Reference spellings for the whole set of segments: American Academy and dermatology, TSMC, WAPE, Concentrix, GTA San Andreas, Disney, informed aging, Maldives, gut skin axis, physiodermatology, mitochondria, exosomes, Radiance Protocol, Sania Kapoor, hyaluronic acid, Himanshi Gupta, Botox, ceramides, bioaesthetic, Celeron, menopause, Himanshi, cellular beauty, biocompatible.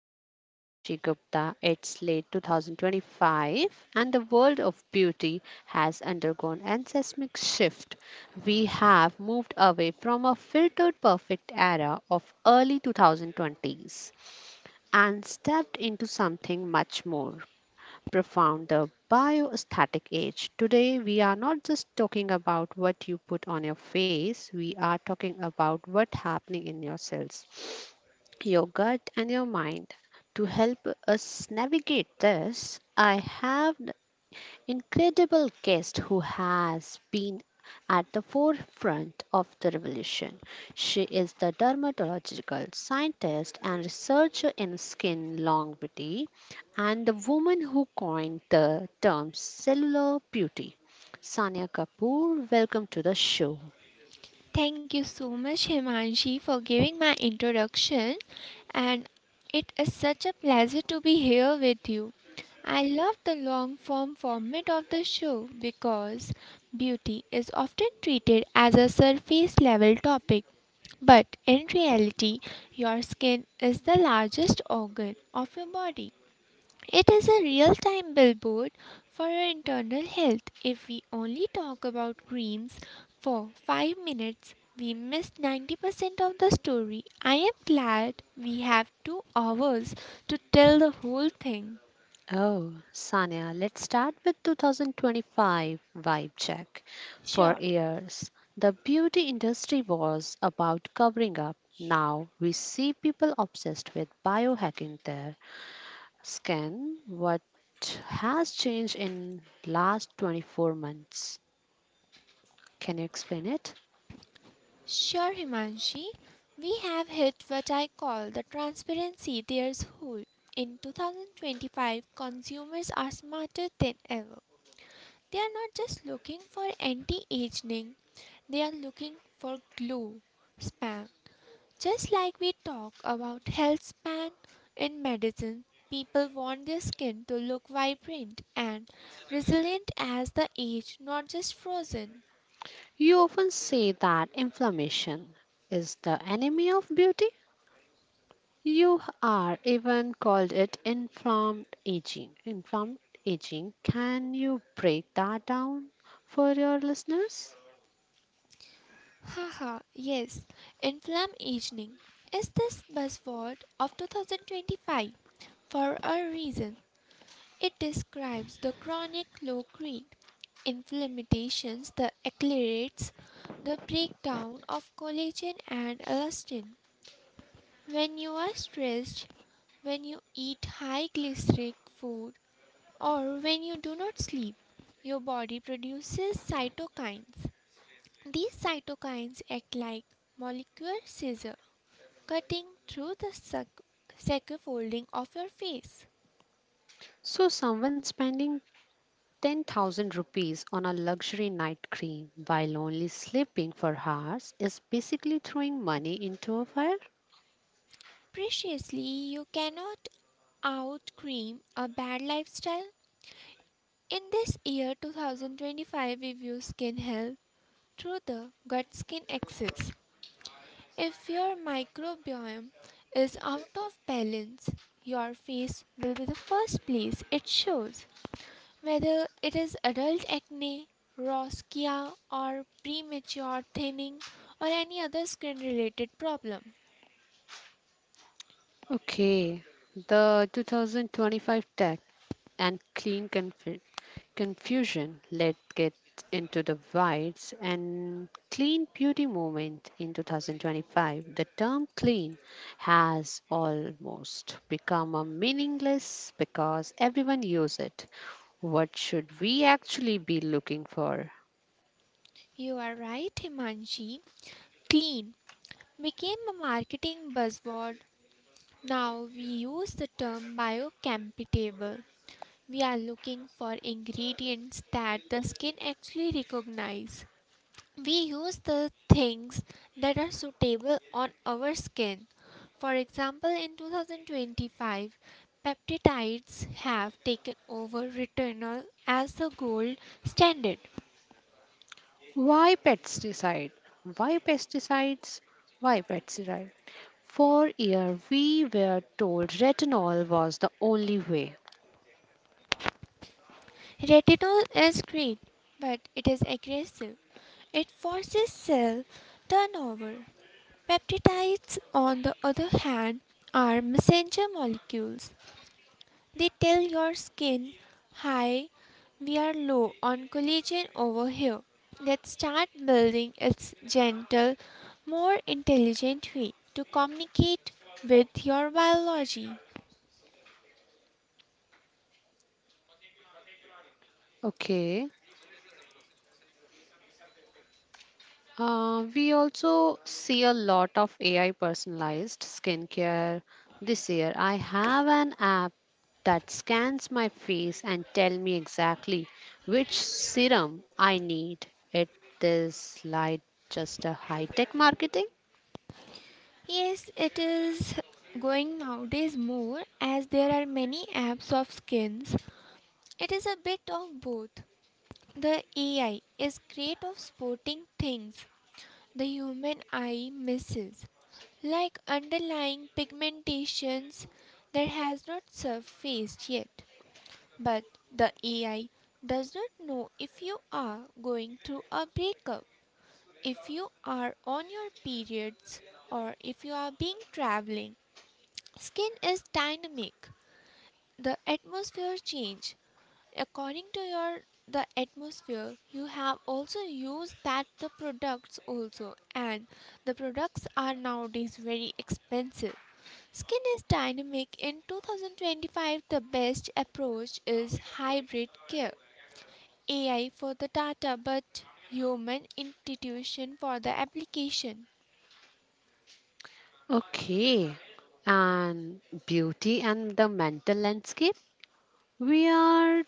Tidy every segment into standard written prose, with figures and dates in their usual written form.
host Himanshi Gupta. It's late 2025 and the world of beauty has undergone an seismic shift. We have moved away from a filtered perfect era of early 2020s and stepped into something much more profound the bioaesthetic age. Today, we are not just talking about what you put on your face, we are talking about what's happening in your cells, your gut, and your mind. To help us navigate this, I have incredible guest who has been at the forefront of the revolution. She is the dermatological scientist and researcher in skin longevity and the woman who coined the term cellular beauty. Sania Kapoor, welcome to the show. Thank you so much, Himanshi, for giving my introduction, and it is such a pleasure to be here with you. I love the long form format of the show because beauty is often treated as a surface level topic. But in reality, your skin is the largest organ of your body. It is a real time billboard for our internal health. If we only talk about creams for 5 minutes, we miss 90% of the story. I am glad we have 2 hours to tell the whole thing. Oh, Sanya, let's start with 2025 vibe check. For Sure, years, the beauty industry was about covering up. Now we see people obsessed with biohacking their skin. What has changed in last 24 months? Can you explain it? sure, Himanshi. We have hit what I call the transparency there's hole. In 2025, consumers are smarter than ever. They are not just looking for anti aging, they are looking for glow spam. Just like we talk about health span in medicine, people want their skin to look vibrant and resilient as the age, not just frozen. You often say that inflammation is the enemy of beauty. You are even called it informed aging. Informed aging. Can you break that down for your listeners? Haha, yes, inflam aging is this buzzword of 2025 for a reason. It describes the chronic low grade inflammations that accelerates the breakdown of collagen and elastin. When you are stressed, when you eat high glycemic food, or when you do not sleep, your body produces cytokines. These cytokines act like molecular scissors, cutting through the folding of your face. So, someone spending 10,000 rupees on a luxury night cream while only sleeping for hours is basically throwing money into a fire? Preciously, you cannot out cream a bad lifestyle. In this year 2025, review skin health through the gut skin axis. If your microbiome is out of balance, your face will be the first place it shows. Whether it is adult acne, rosacea, or premature thinning, or any other skin related problem. Okay, the 2025 tech and confusion, let's get into the whites and clean beauty movement in 2025. The term clean has almost become a meaningless because everyone uses it. What should we actually be looking for? You are right, Himanshi. Clean became a marketing buzzword. Now we use the term biocompatible. We are looking for ingredients that the skin actually recognize. We use the things that are suitable on our skin. For example, in 2025, peptides have taken over retinol as the gold standard. Why pesticide? Why pesticides? Why pesticide? For year we were told retinol was the only way. Retinol is great, but it is aggressive. It forces cell turnover. Peptides, on the other hand, are messenger molecules. They tell your skin, hi, we are low on collagen over here. Let's start building its gentle, more intelligent way to communicate with your biology. Okay, we also see a lot of AI personalized skincare this year. I have an app that scans my face and tell me exactly which serum I need. It is like just a high tech marketing. Yes, it is going nowadays more as there are many apps of skins. It is a bit of both. The AI is great of spotting things the human eye misses, like underlying pigmentations that has not surfaced yet. But the AI does not know if you are going through a breakup, if you are on your periods, or if you are being traveling. Skin is dynamic. The atmosphere change. According to your the atmosphere, you have also used that the products also and the products are nowadays very expensive. Skin is dynamic. In 2025, the best approach is hybrid care. AI for the data, but human intuition for the application. Okay. And beauty and the mental landscape. We are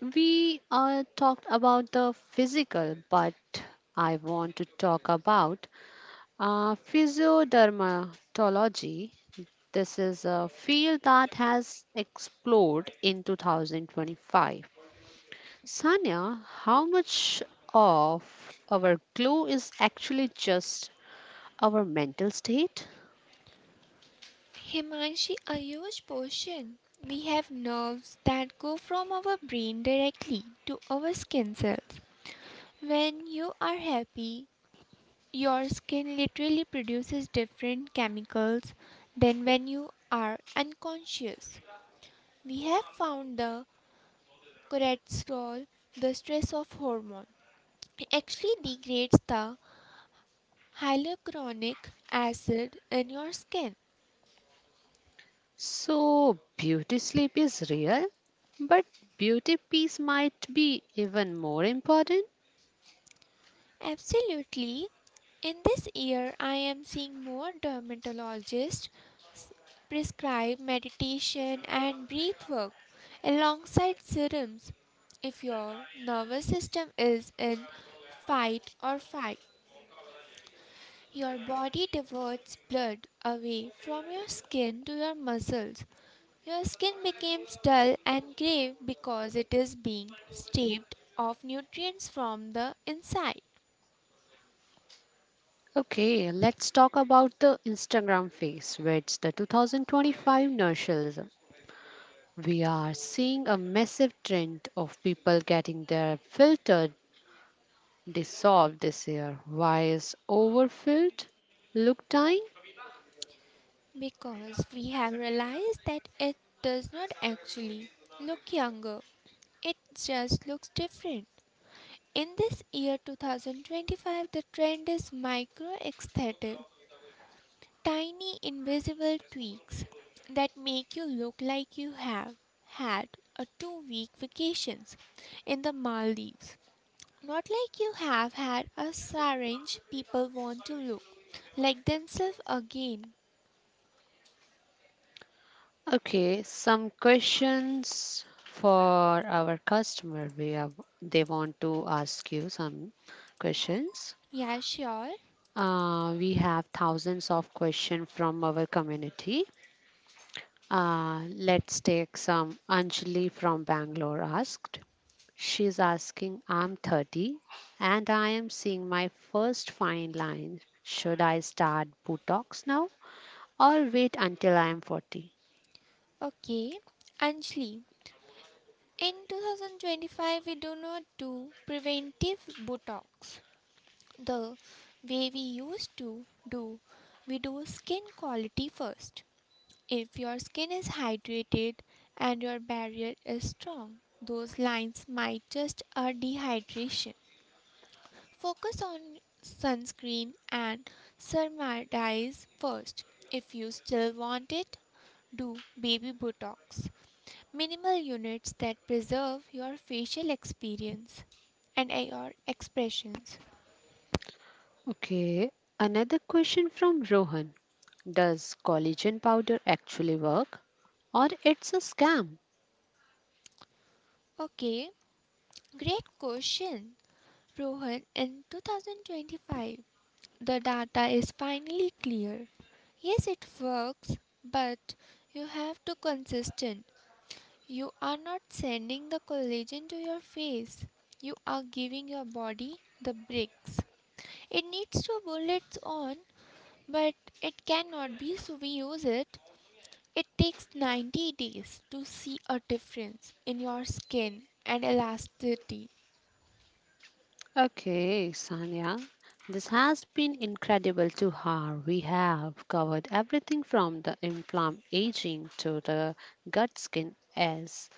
we talked about the physical, but I want to talk about physiodermatology. This is a field that has exploded in 2025. Sanya, how much of our glow is actually just our mental state? Himanshi, a huge portion. We have nerves that go from our brain directly to our skin cells. When you are happy, your skin literally produces different chemicals than when you are unconscious. We have found the cortisol, the stress of hormone. It actually degrades the hyaluronic acid in your skin. So, beauty sleep is real, but beauty piece might be even more important. Absolutely. In this year, I am seeing more dermatologists s- prescribe meditation and breath work alongside serums. If your nervous system is in fight or flight, your body diverts blood away from your skin to your muscles. Your skin becomes dull and grey because it is being stripped of nutrients from the inside. Okay, let's talk about the Instagram face, where it's the 2025 nurseries. We are seeing a massive trend of people getting their filter dissolved this year. Why is overfilled look dying? Because we have realized that it does not actually look younger, it just looks different. In this year 2025, the trend is micro aesthetic, tiny invisible tweaks that make you look like you have had a 2 week vacations in the Maldives. Not like you have had a syringe people want to look like themselves again. Okay, some questions for our customer. We have they want to ask you some questions. Yeah, sure. We have thousands of questions from our community. Let's take some. Anjali from Bangalore asked, she's asking, I'm 30 and I am seeing my first fine line. Should I start Botox now or wait until I am 40? Okay, Anjali, in 2025, we do not do preventive Botox the way we used to do. We do skin quality first. If your skin is hydrated and your barrier is strong, those lines might just are dehydration. Focus on sunscreen and ceramides first. If you still want it, do baby Botox. Minimal units that preserve your facial experience and your expressions. Okay, another question from Rohan. Does collagen powder actually work or it's a scam? Okay, great question. Rohan, in 2025, the data is finally clear. Yes, it works, but you have to consistent. You are not sending the collagen to your face. You are giving your body the bricks. It needs to build its own, but it cannot be so we use it. It takes 90 days to see a difference in your skin and elasticity. Okay, Sanya, this has been incredible to her. We have covered everything from the inflamed aging to the gut skin as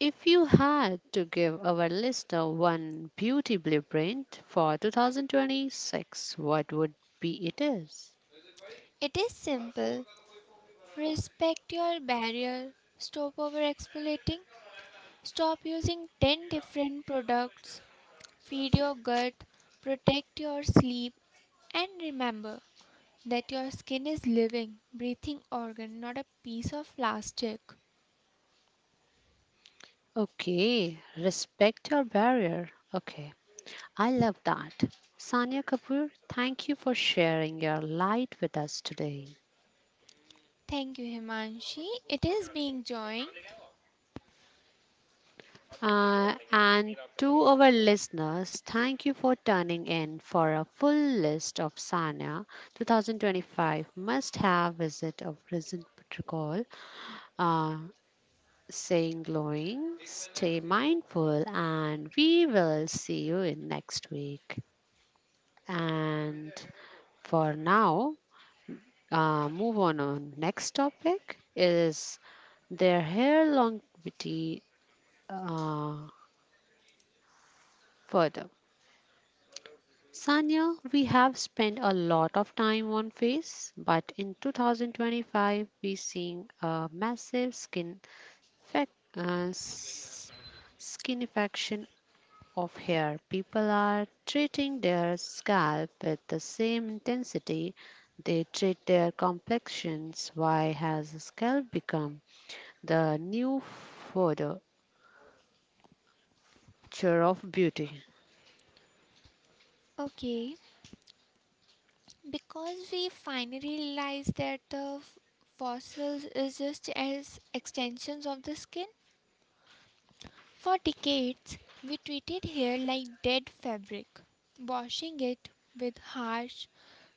if you had to give our listener one beauty blueprint for 2026, what would be it is? It is simple. Respect your barrier. Stop over exfoliating. Stop using 10 different products. Feed your gut. Protect your sleep. And remember that your skin is living, breathing organ, not a piece of plastic. Okay, respect your barrier. Okay, I love that. Sanya Kapoor, thank you for sharing your light with us today. Thank you, Himanshi. It is being joined. And to our listeners, thank you for tuning in for a full list of Sanya 2025 must have visit of recent protocol. Uh, Saying glowing, stay mindful, and we will see you in next week. And for now, move on next topic is their hair longevity uh, further. Sanya, we have spent a lot of time on face, but in 2025 we seeing a massive fac- uh, s- skin infection of hair. People are treating their scalp with the same intensity they treat their complexions. Why has the scalp become the new furniture of beauty? Okay. Because we finally realized that the fossils is just as extensions of the skin. For decades, we treated hair like dead fabric, washing it with harsh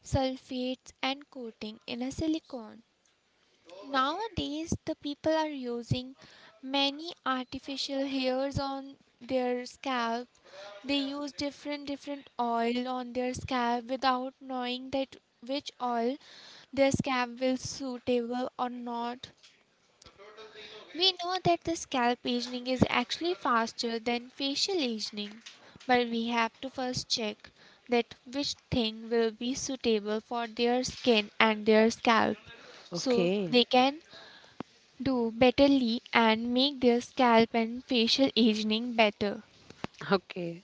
sulfates and coating in a silicone. Nowadays, the people are using many artificial hairs on their scalp. They use different different oil on their scalp without knowing that which oil their scalp will suitable or not. We know that the scalp aging is actually faster than facial aging, but we have to first check that which thing will be suitable for their skin and their scalp so Okay, they can do betterly and make their scalp and facial aging better. okay.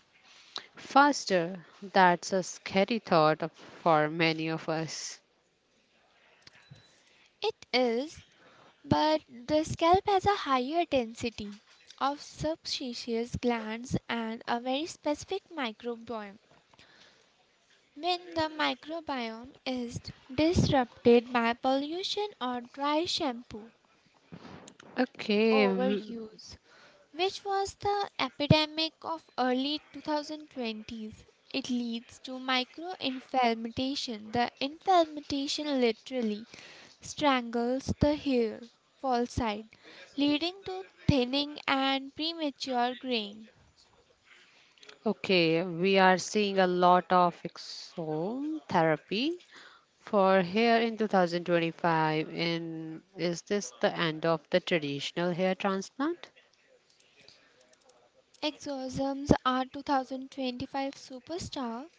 Faster. That's a scary thought of- For many of us. It is, but the scalp has a higher density of subcutaneous glands and a very specific microbiome. When the microbiome is disrupted by pollution or dry shampoo, Okay, w- overuse, which was the epidemic of early 2020s. It leads to microinflammation. The inflammation literally strangles the hair fall side, leading to thinning and premature graying. okay, we are seeing a lot of exome therapy for hair in 2025, in is this the end of the traditional hair transplant? Exorcisms are 2025 superstar.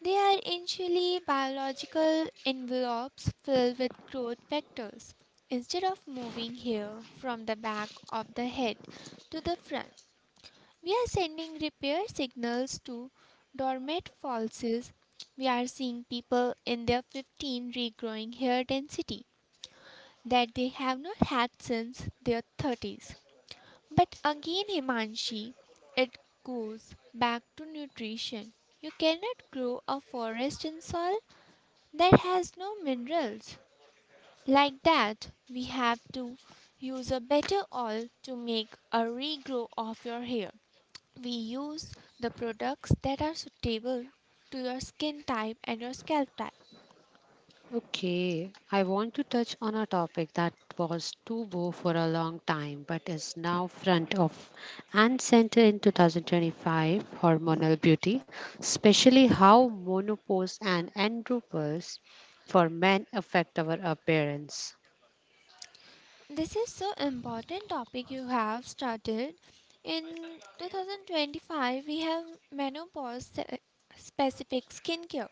They are initially biological envelopes filled with growth vectors. Instead of moving hair from the back of the head to the front, we are sending repair signals to dormant fossils. We are seeing people in their 15 regrowing hair density that they have not had since their 30s. But again, Himanshi, it goes back to nutrition. You cannot grow a forest in soil that has no minerals. Like that, we have to use a better oil to make a regrow of your hair. We use the products that are suitable to your skin type and your scalp type. Okay, I want to touch on a topic that was taboo for a long time but is now front of and center in 2025 hormonal beauty, especially how menopause and andropause for men affect our appearance. This is so important topic you have started. In 2025, we have menopause specific skincare.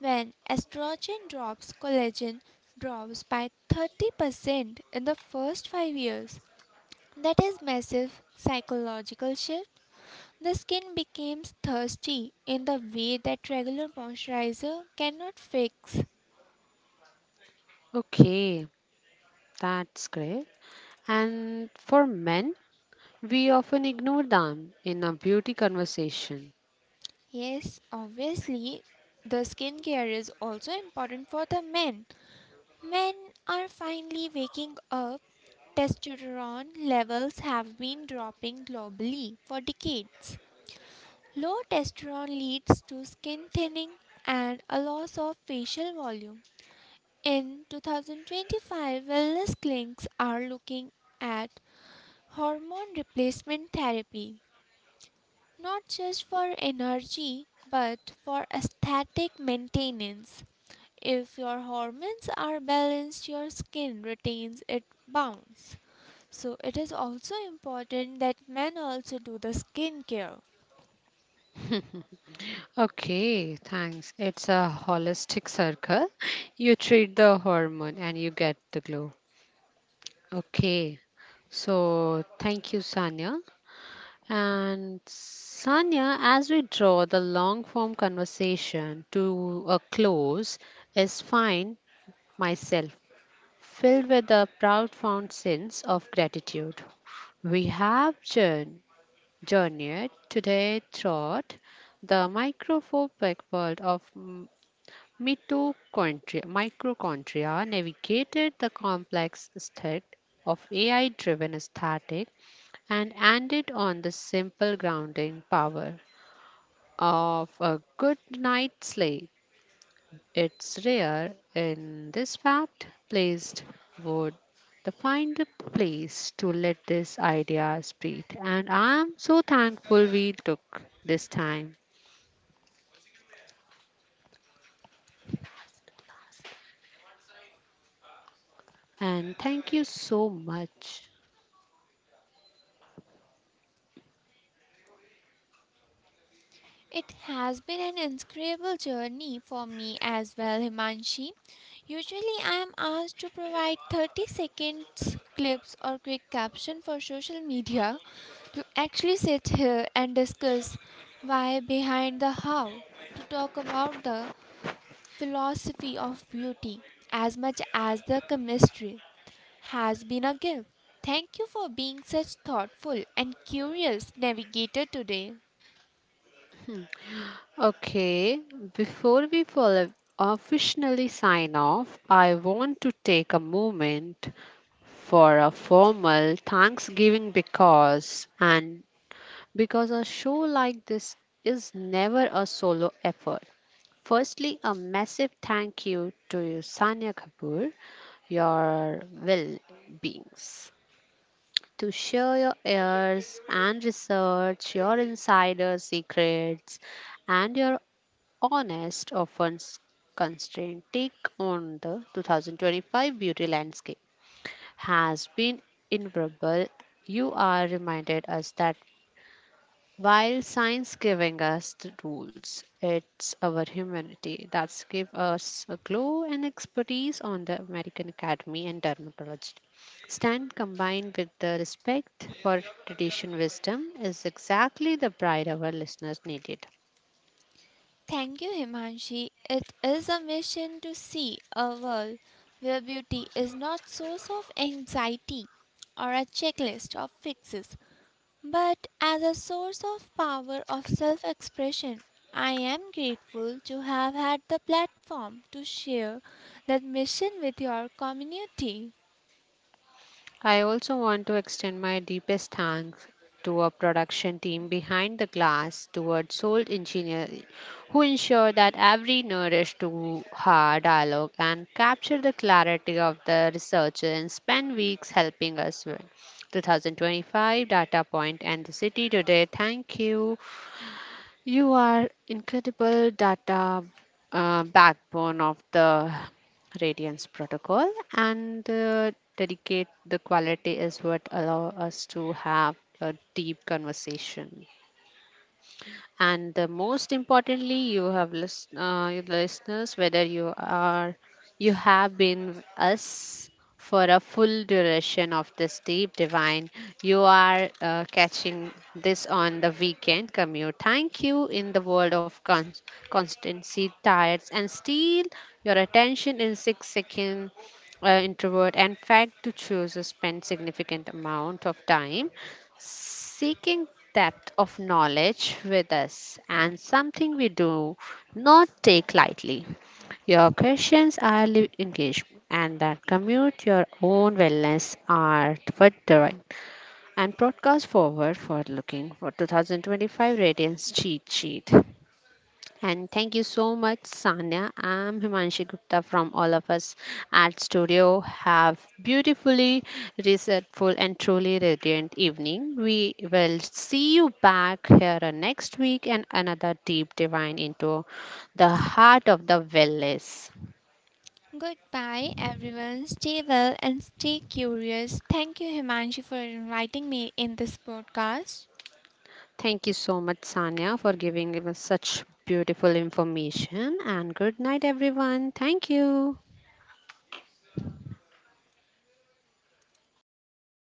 When estrogen drops, collagen drops by 30% in the first 5 years. That is massive psychological shift. The skin becomes thirsty in the way that regular moisturizer cannot fix. Okay, that's great. And for men, we often ignore them in a beauty conversation. Yes, obviously, the skincare is also important for the men. Men are finally waking up. Testosterone levels have been dropping globally for decades. Low testosterone leads to skin thinning and a loss of facial volume. In 2025, wellness clinics are looking at hormone replacement therapy, not just for energy, but for aesthetic maintenance. If your hormones are balanced, your skin retains its bounce. So, it is also important that men also do the skincare. Okay, thanks. It's a holistic circle. You treat the hormone and you get the glow. Okay, so thank you, Sanya. And Sanya, as we draw the long form conversation to a close, is find myself filled with a profound sense of gratitude. We have journeyed today through the microphobic world of mitochondria, mitochondria, navigated the complex aesthetic of AI driven aesthetic, and ended on the simple grounding power of a good night's sleep. It's rare in this fact placed would the find the place to let this idea spread. And I'm so thankful we took this time. And thank you so much. It has been an incredible journey for me as well, Himanshi. Usually, I am asked to provide 30 seconds clips or quick caption for social media to actually sit here and discuss why behind the how, to talk about the philosophy of beauty as much as the chemistry has been a gift. Thank you for being such thoughtful and curious navigator today. Okay, before we follow officially sign off, I want to take a moment for a formal Thanksgiving because a show like this is never a solo effort. Firstly, a massive thank you to you, Sanya Kapoor, your well beings, to share your ears and research, your insider secrets, and your honest, constrained take on the 2025 beauty landscape has been invaluable. You are reminded us that while science giving us the rules, it's our humanity that's give us a glow and expertise on the American Academy and dermatology. Stand combined with the respect for tradition wisdom is exactly the pride our listeners needed. Thank you, Himanshi. It is a mission to see a world where beauty is not source of anxiety or a checklist of fixes, but as a source of power of self-expression. I am grateful to have had the platform to share that mission with your community. I also want to extend my deepest thanks to our production team behind the glass towards Soul Engineer who ensure that every nourish to her dialogue and capture the clarity of the researcher and spend weeks helping us with 2025 data point and the city today. Thank you. You are incredible data backbone of the Radiance protocol, and dedicate the quality is what allow us to have a deep conversation. And the most importantly, you listeners, whether you have been with us for a full duration of this deep divine, you are catching this on the weekend commute. Thank you in the world of constancy, tires, and steel. Your attention in 6 seconds introvert and fact to choose to spend significant amount of time seeking depth of knowledge with us and something we do not take lightly. Your questions are li- engagement and that commute your own wellness are for the right and broadcast forward for looking for 2025 Radiance cheat sheet. And thank you so much, Sanya. I'm Himanshi Gupta from all of us at Studio. Have beautifully resetful and truly radiant evening. We will see you back here next week and another deep divine into the heart of the wellness. Goodbye, everyone. Stay well and stay curious. Thank you, Himanshi, for inviting me in this podcast. Thank you so much, Sanya, for giving us such beautiful information. And good night, everyone. Thank you.